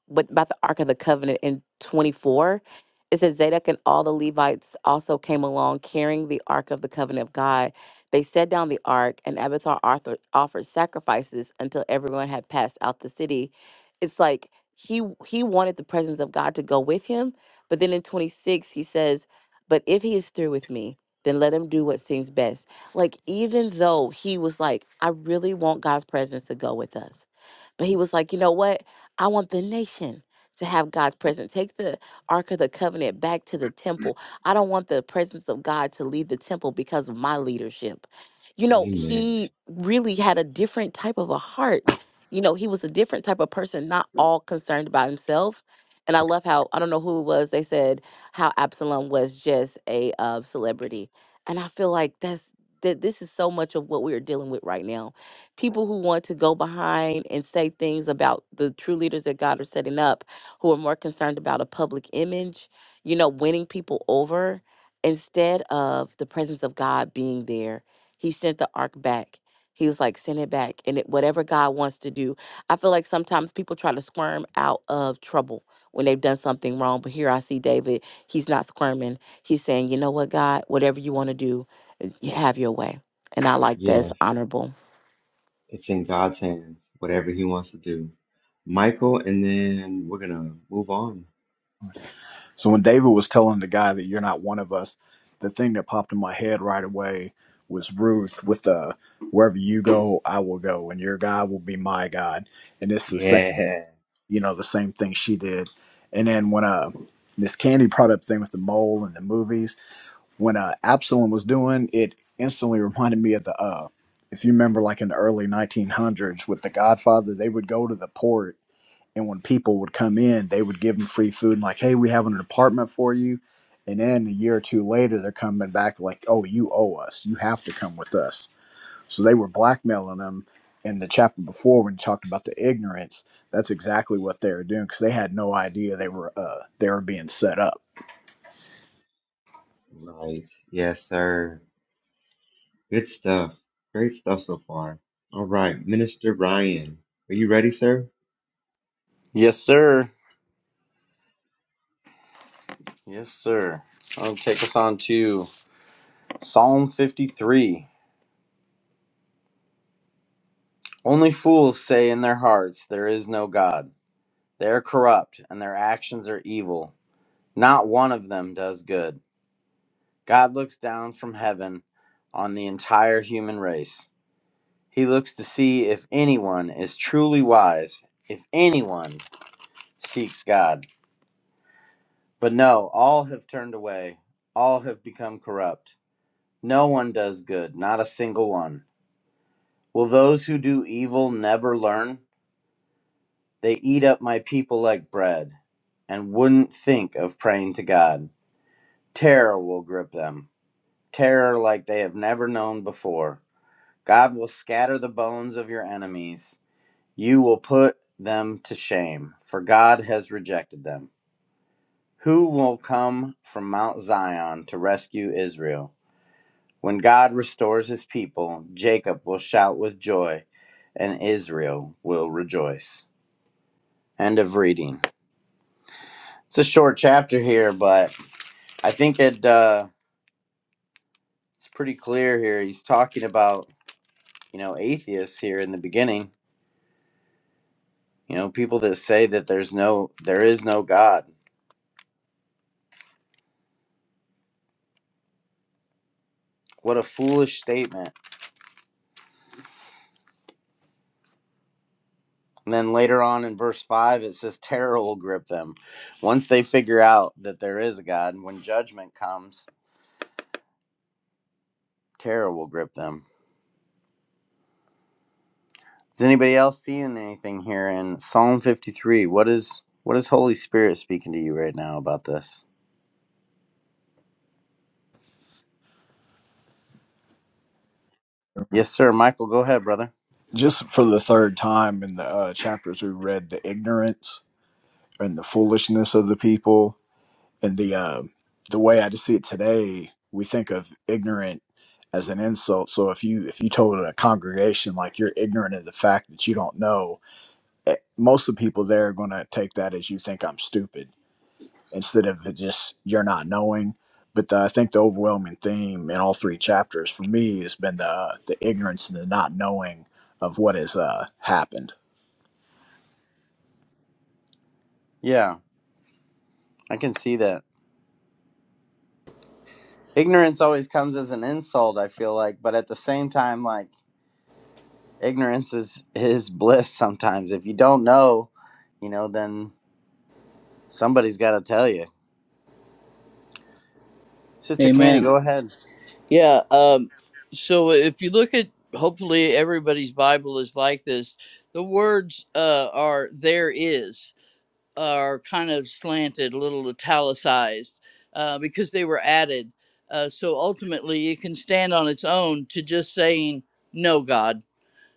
C: but about the Ark of the Covenant in 24, it says Zadok and all the Levites also came along carrying the Ark of the Covenant of God. They set down the Ark, and Abathar Arthur offered sacrifices until everyone had passed out the city. It's like he he wanted the presence of God to go with him, but then in 26 he says, "But if he is through with me." Then let him do what seems best. Like, even though he was like, I really want God's presence to go with us. But he was like, you know what? I want the nation to have God's presence. Take the Ark of the Covenant back to the temple. I don't want the presence of God to leave the temple because of my leadership. You know,
A: Amen.
C: he really had a different type of a heart. You know, he was a different type of person, not all concerned about himself. And I love how, I don't know who it was, they said how Absalom was just a uh, celebrity. And I feel like that's, that this is so much of what we are dealing with right now people who want to go behind and say things about the true leaders that God is setting up, who are more concerned about a public image, you know, winning people over instead of the presence of God being there. He sent the ark back. He was like, send it back. And it, whatever God wants to do, I feel like sometimes people try to squirm out of trouble when they've done something wrong. But here I see David, he's not squirming. He's saying, you know what, God, whatever you want to do, you have your way. And I like that's
A: Yes.
C: honorable.
A: It's in God's hands, whatever he wants to do. Michael, and then we're going to move on.
H: So when David was telling the guy that you're not one of us, the thing that popped in my head right away was Ruth with the wherever you go, I will go, and your God will be my God. And it's the same,
A: Yeah.
H: you know, the same thing she did. And then when uh Miss candy brought up thing with the mole and the movies, when uh Absalom was doing it, instantly reminded me of the uh, if you remember, like in the early 1900s with the Godfather, they would go to the port And when people would come in, they would give them free food and like, hey, we have an apartment for you. And then a year or two later, they're coming back like, oh, you owe us. You have to come with us. So they were blackmailing them. In the chapter before, when you talked about the ignorance, that's exactly what they were doing because they had no idea they were uh, they were being set up.
A: Right. Yes, sir. Good stuff. Great stuff so far. All right. Minister Ryan, are you ready, sir?
I: Yes, sir. Yes, sir. I'll take us on to Psalm 53. Only fools say in their hearts, There is no God. They are corrupt, and their actions are evil. Not one of them does good. God looks down from heaven on the entire human race. He looks to see if anyone is truly wise, if anyone seeks God. But no, all have turned away, all have become corrupt. No one does good, not a single one. Will those who do evil never learn? They eat up my people like bread and wouldn't think of praying to God. Terror will grip them, terror like they have never known before. God will scatter the bones of your enemies. You will put them to shame, for God has rejected them. Who will come from Mount Zion to rescue Israel? When God restores his people, Jacob will shout with joy, and Israel will rejoice. End of reading. It's a short chapter here, but I think it uh, it's pretty clear here. He's talking about you know atheists here in the beginning. You know people that say that there's no there is no God. What a foolish statement. And then later on in verse five, it says terror will grip them. Once they figure out that there is a God, when judgment comes, terror will grip them. Is anybody else seeing anything here in Psalm 53? What is what is Holy Spirit speaking to you right now about this? Yes, sir. Michael, go ahead, brother.
H: Just for the third time in the uh, chapters we read, the ignorance and the foolishness of the people and the um the way I just see it today, we think of ignorant as an insult. So if you if you told a congregation like you're ignorant of the fact that you don't know, eh, most of the people there are going to take that as you think I'm stupid instead of it just you're not knowing. But the, I think the overwhelming theme in all three chapters for me has been the the ignorance and the not knowing of what has uh, happened.
I: Yeah, I can see that. Ignorance always comes as an insult, I feel like, but at the same time, like ignorance is is bliss sometimes. If you don't know, you know, then somebody's got to tell you. Sister Candy,
G: Amen.
I: go ahead.
G: Yeah. Um, so if you look at, hopefully everybody's Bible is like this. The words uh, are there is. are kind of slanted, a little italicized, uh, because they were added. Uh, so ultimately, it can stand on its own to just saying, No, God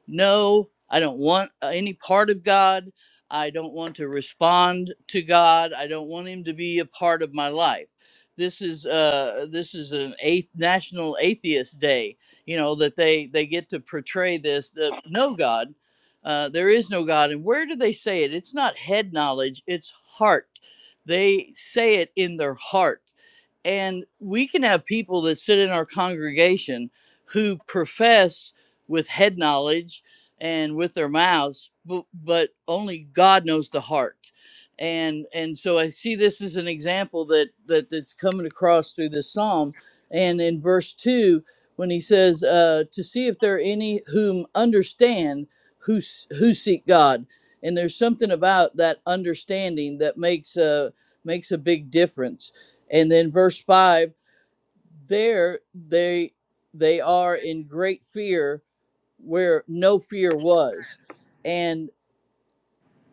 G: no, I don't want uh, any part of God. I don't want to respond to God. I don't want him to be a part of my life. This is uh this is an eighth national atheist day, you know, that they they get to portray this that no God, uh, there is no God. And where do they say it? It's not head knowledge, it's heart. They say it in their heart. And we can have people that sit in our congregation who profess with head knowledge and with their mouths but, but only god knows the heart and and so i see this as an example that, that that's coming across through this psalm and in verse 2 when he says uh, to see if there are any whom understand who s- who seek god and there's something about that understanding that makes a makes a big difference and then verse 5 there they they are in great fear where no fear was. And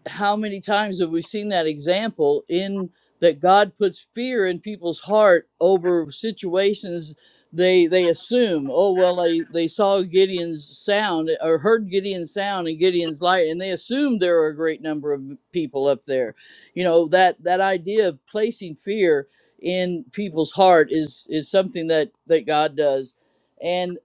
G: how many times have we seen that example in that God puts fear in people's heart over situations they they assume oh well they they saw Gideon's sound or heard Gideon's sound and Gideon's light and they assumed there were a great number of people up there you know that that idea of placing fear in people's heart is is something that that God does and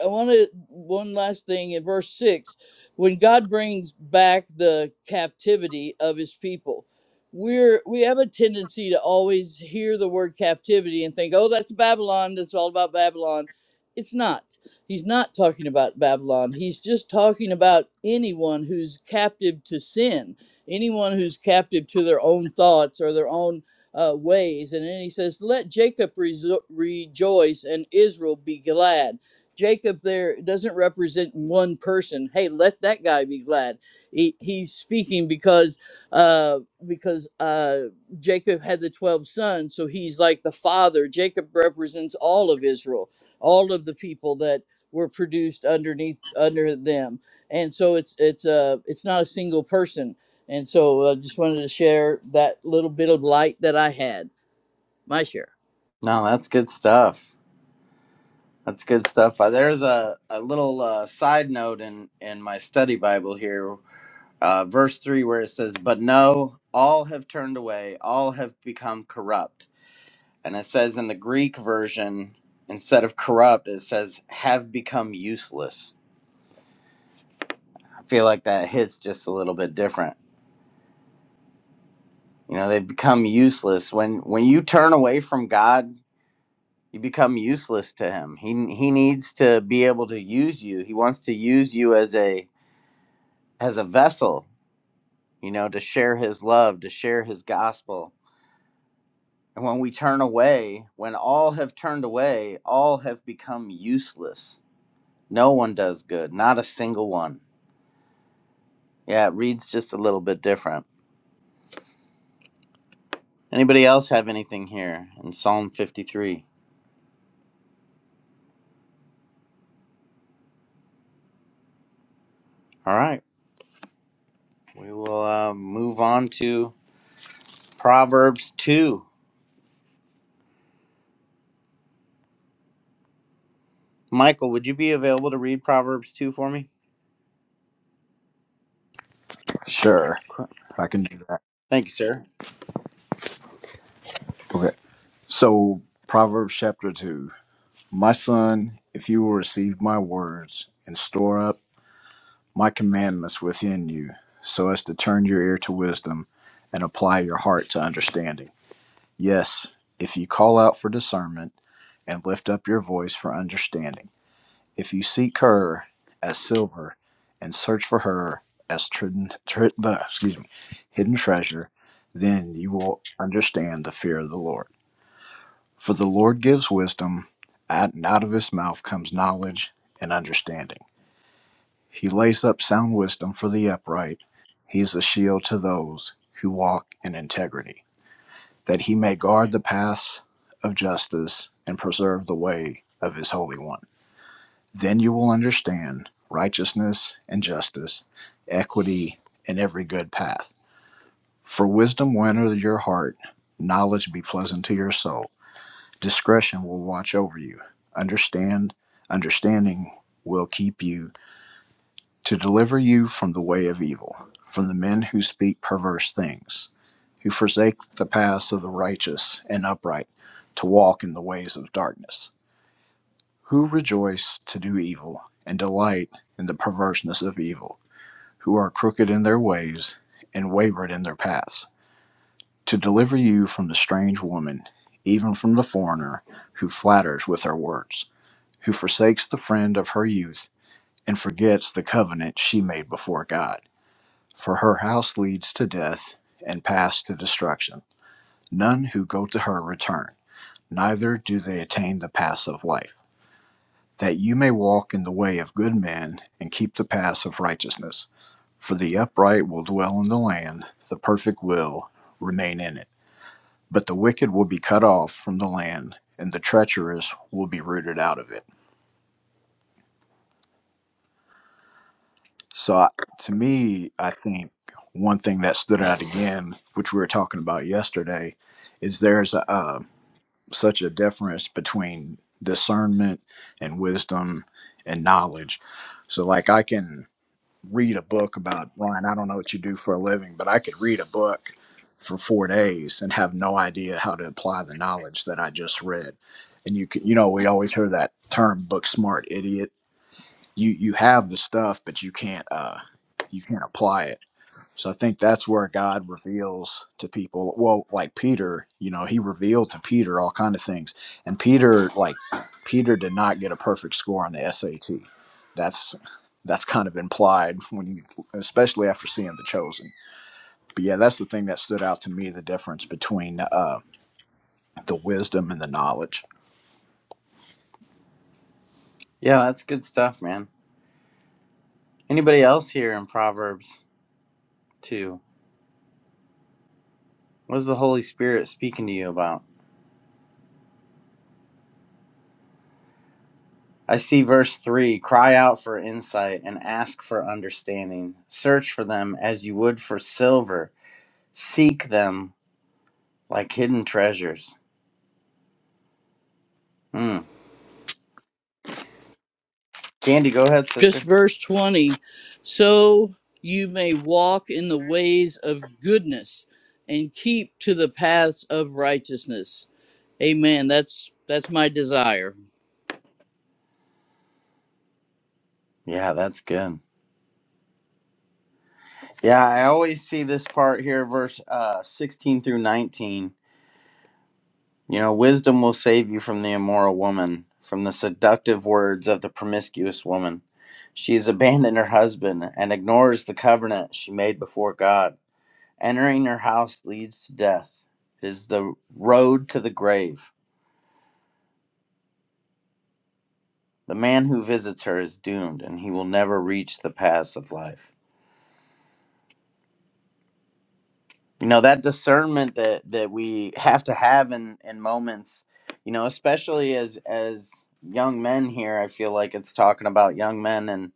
G: I want to one last thing in verse 6 when God brings back the captivity of his people, we're we have a tendency to always hear the word captivity and think, "Oh, that's Babylon. That's all about Babylon." It's not. He's not talking about Babylon. He's just talking about anyone who's captive to sin, anyone who's captive to their own thoughts or their own uh, ways. And then he says, "Let Jacob rejo- rejoice and Israel be glad." Jacob there doesn't represent one person. Hey, let that guy be glad. He, he's speaking because uh, because uh, Jacob had the twelve sons, so he's like the father. Jacob represents all of Israel, all of the people that were produced underneath under them, and so it's it's uh, it's not a single person. And so I just wanted to share that little bit of light that I had. My share.
I: No, that's good stuff. That's good stuff. Uh, there's a, a little uh, side note in, in my study Bible here, uh, verse 3, where it says, But no, all have turned away, all have become corrupt. And it says in the Greek version, instead of corrupt, it says have become useless. I feel like that hits just a little bit different. You know, they've become useless. When when you turn away from God, you become useless to him. He he needs to be able to use you. He wants to use you as a as a vessel, you know, to share his love, to share his gospel. And when we turn away, when all have turned away, all have become useless. No one does good, not a single one Yeah, it reads just a little bit different. Anybody else have anything here in Psalm 53? All right, we will uh, move on to Proverbs 2. Michael, would you be available to read Proverbs 2 for me?
H: Sure,
I: Cor-
H: I can do that.
I: Thank you, sir.
H: Okay. So Proverbs chapter two. My son, if you will receive my words and store up my commandments within you, so as to turn your ear to wisdom and apply your heart to understanding. Yes, if you call out for discernment and lift up your voice for understanding, if you seek her as silver and search for her as trid- trid- the, excuse me, hidden treasure, then you will understand the fear of the Lord for the Lord gives wisdom, out- and out of his mouth comes knowledge and understanding. He lays up sound wisdom for the upright. He is a shield to those who walk in integrity, that he may guard the paths of justice and preserve the way of his Holy One. Then you will understand righteousness and justice, equity, and every good path. For wisdom will enter your heart, knowledge be pleasant to your soul discretion will watch over you understand understanding will keep you to deliver you from the way of evil from the men who speak perverse things who forsake the paths of the righteous and upright to walk in the ways of darkness who rejoice to do evil and delight in the perverseness of evil who are crooked in their ways and wayward in their paths to deliver you from the strange woman even from the foreigner who flatters with her words who forsakes the friend of her youth and forgets the covenant she made before God. For her house leads to death and paths to destruction. None who go to her return, neither do they attain the paths of life. That you may walk in the way of good men and keep the paths of righteousness. For the upright will dwell in the land, the perfect will remain in it. But the wicked will be cut off from the land, and the treacherous will be rooted out of it. So I, to me, I think one thing that stood out again, which we were talking about yesterday, is there's a, uh, such a difference between discernment and wisdom and knowledge. So like I can read a book about Ryan. I don't know what you do for a living, but I could read a book for four days and have no idea how to apply the knowledge that I just read. And you can, you know, we always hear that term "book smart idiot." you you have the stuff but you can't uh you can't apply it so i think that's where god reveals to people well like peter you know he revealed to peter all kind of things and peter like peter did not get a perfect score on the sat that's that's kind of implied when you especially after seeing the chosen but yeah that's the thing that stood out to me the difference between uh the wisdom and the knowledge
I: Yeah, that's good stuff, man. Anybody else here in Proverbs 2? What is the Holy Spirit speaking to you about? I see verse 3 cry out for insight and ask for understanding. Search for them as you would for silver, seek them like hidden treasures. Mm. Candy, go ahead,
G: just
I: sister.
G: verse 20 so you may walk in the ways of goodness and keep to the paths of righteousness amen that's that's my desire
I: Yeah, that's good. Yeah, I always see this part here, verse uh, 16 through 19. You know, wisdom will save you from the immoral woman, from the seductive words of the promiscuous woman. She has abandoned her husband and ignores the covenant she made before God. Entering her house leads to death, it is the road to the grave. The man who visits her is doomed, and he will never reach the paths of life. you know that discernment that that we have to have in in moments you know especially as as young men here i feel like it's talking about young men and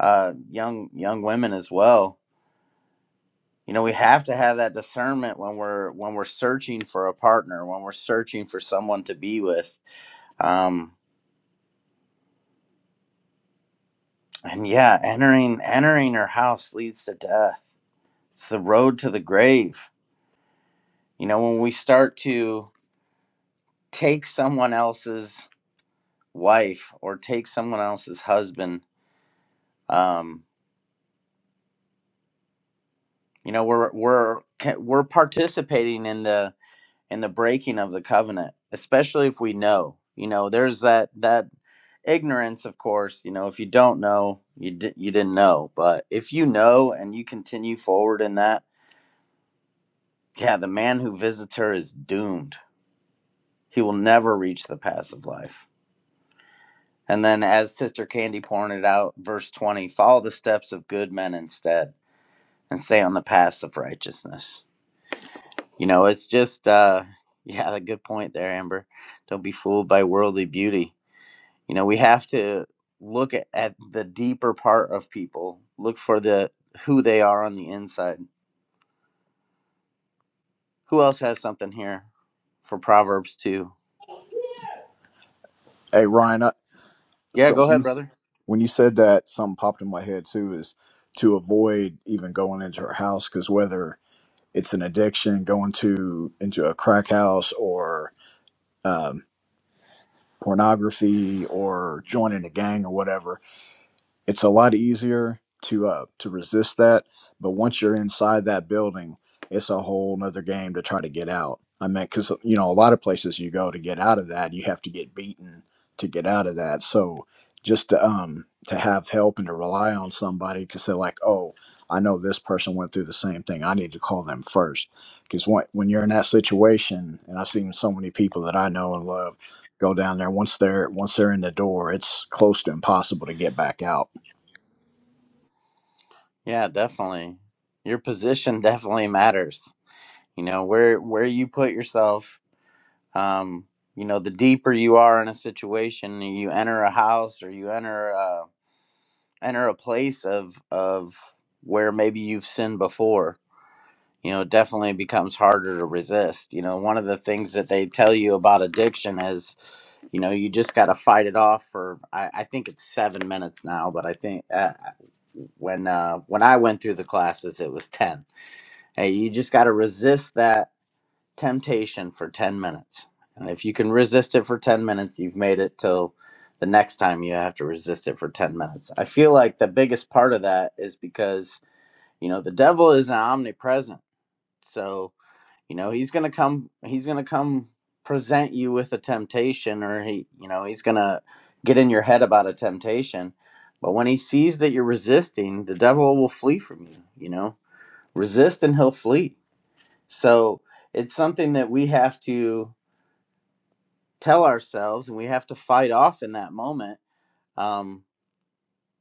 I: uh young young women as well you know we have to have that discernment when we're when we're searching for a partner when we're searching for someone to be with um and yeah entering entering her house leads to death it's the road to the grave you know when we start to take someone else's wife or take someone else's husband um you know we're we're we're participating in the in the breaking of the covenant especially if we know you know there's that that ignorance of course you know if you don't know you di- you didn't know but if you know and you continue forward in that yeah the man who visits her is doomed he will never reach the path of life and then as sister candy pointed out verse 20 follow the steps of good men instead and stay on the path of righteousness. You know, it's just, uh, yeah, a good point there, Amber. Don't be fooled by worldly beauty. You know, we have to look at, at the deeper part of people, look for the who they are on the inside. Who else has something here for Proverbs 2?
H: hey ryan I,
I: Yeah,
H: so
I: go
H: when you,
I: ahead,
H: s-
I: brother.
H: when you said that something popped in my head too is to avoid even going into her house because whether it's an addiction going to into a crack house or um, pornography or joining a gang or whatever it's a lot easier to uh to resist that but once you're inside that building it's a whole nother game to try to get out i mean because you know a lot of places you go to get out of that you have to get beaten to get out of that so just to, um to have help and to rely on somebody because they're like oh i know this person went through the same thing i need to call them first because when, when you're in that situation and i've seen so many people that i know and love go down there once they're once they're in the door it's close to impossible to get back out
I: Yeah, definitely. Your position definitely matters. You know, where where you put yourself, um, you know, the deeper you are in a situation, you enter a house or you enter a enter a place of of where maybe you've sinned before you know it definitely becomes harder to resist you know one of the things that they tell you about addiction is you know you just got to fight it off for I, I think it's seven minutes now but i think uh, when uh, when i went through the classes it was ten hey you just got to resist that temptation for 10 minutes. And if you can resist it for 10 minutes, you've made it till the next time you have to resist it for 10 minutes. I feel like the biggest part of that is because, you know, the devil is omnipresent. So, you know, he's going to come he's going to come present you with a temptation or he, you know, he's going to get in your head about a temptation. But when he sees that you're resisting, the devil will flee from you, you know. Resist and he'll flee. So, it's something that we have to tell ourselves and we have to fight off in that moment um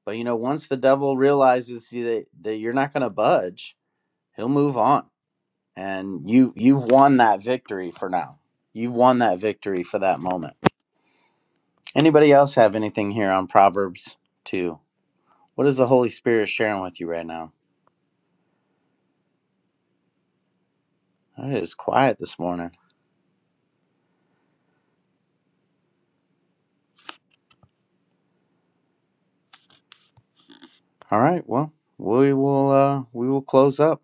I: but you know once the devil realizes that, that you're not going to budge he'll move on and you you've won that victory for now you've won that victory for that moment anybody else have anything here on proverbs 2 what is the holy spirit sharing with you right now it is quiet this morning all right well we will uh we will close up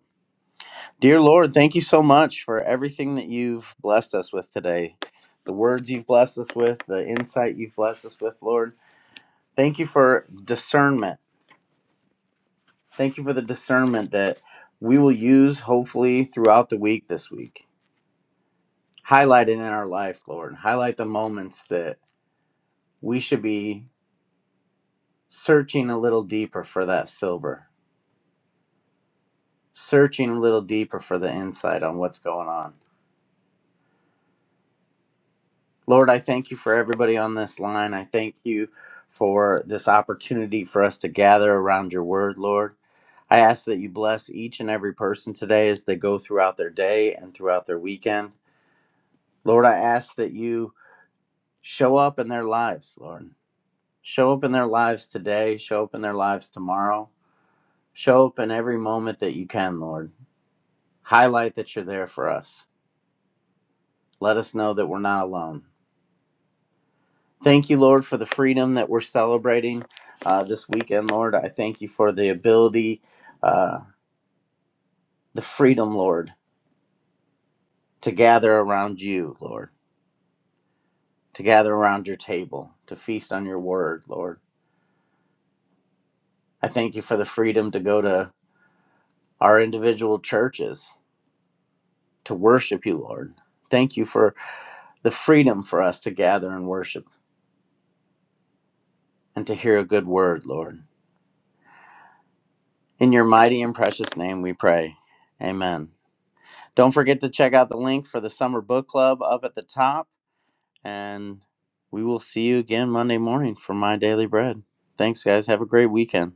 I: Dear Lord, thank you so much for everything that you've blessed us with today. The words you've blessed us with, the insight you've blessed us with, Lord. Thank you for discernment. Thank you for the discernment that we will use hopefully throughout the week this week. Highlight it in our life, Lord. Highlight the moments that we should be searching a little deeper for that silver, searching a little deeper for the insight on what's going on. Lord, I thank you for everybody on this line. I thank you for this opportunity for us to gather around your word, Lord. I ask that you bless each and every person today as they go throughout their day and throughout their weekend. Lord, I ask that you show up in their lives, Lord. Show up in their lives today, show up in their lives tomorrow, show up in every moment that you can, Lord. Highlight that you're there for us. Let us know that we're not alone. Thank you, Lord, for the freedom that we're celebrating uh, this weekend, Lord. I thank you for the ability, uh, the freedom, Lord, to gather around you, Lord, to gather around your table, to feast on your word, Lord. I thank you for the freedom to go to our individual churches to worship you, Lord. Thank you for the freedom for us to gather and worship and to hear a good word, Lord. In your mighty and precious name we pray. Amen. Don't forget to check out the link for the Summer Book Club up at the top. And we will see you again Monday morning for My Daily Bread. Thanks, guys. Have a great weekend.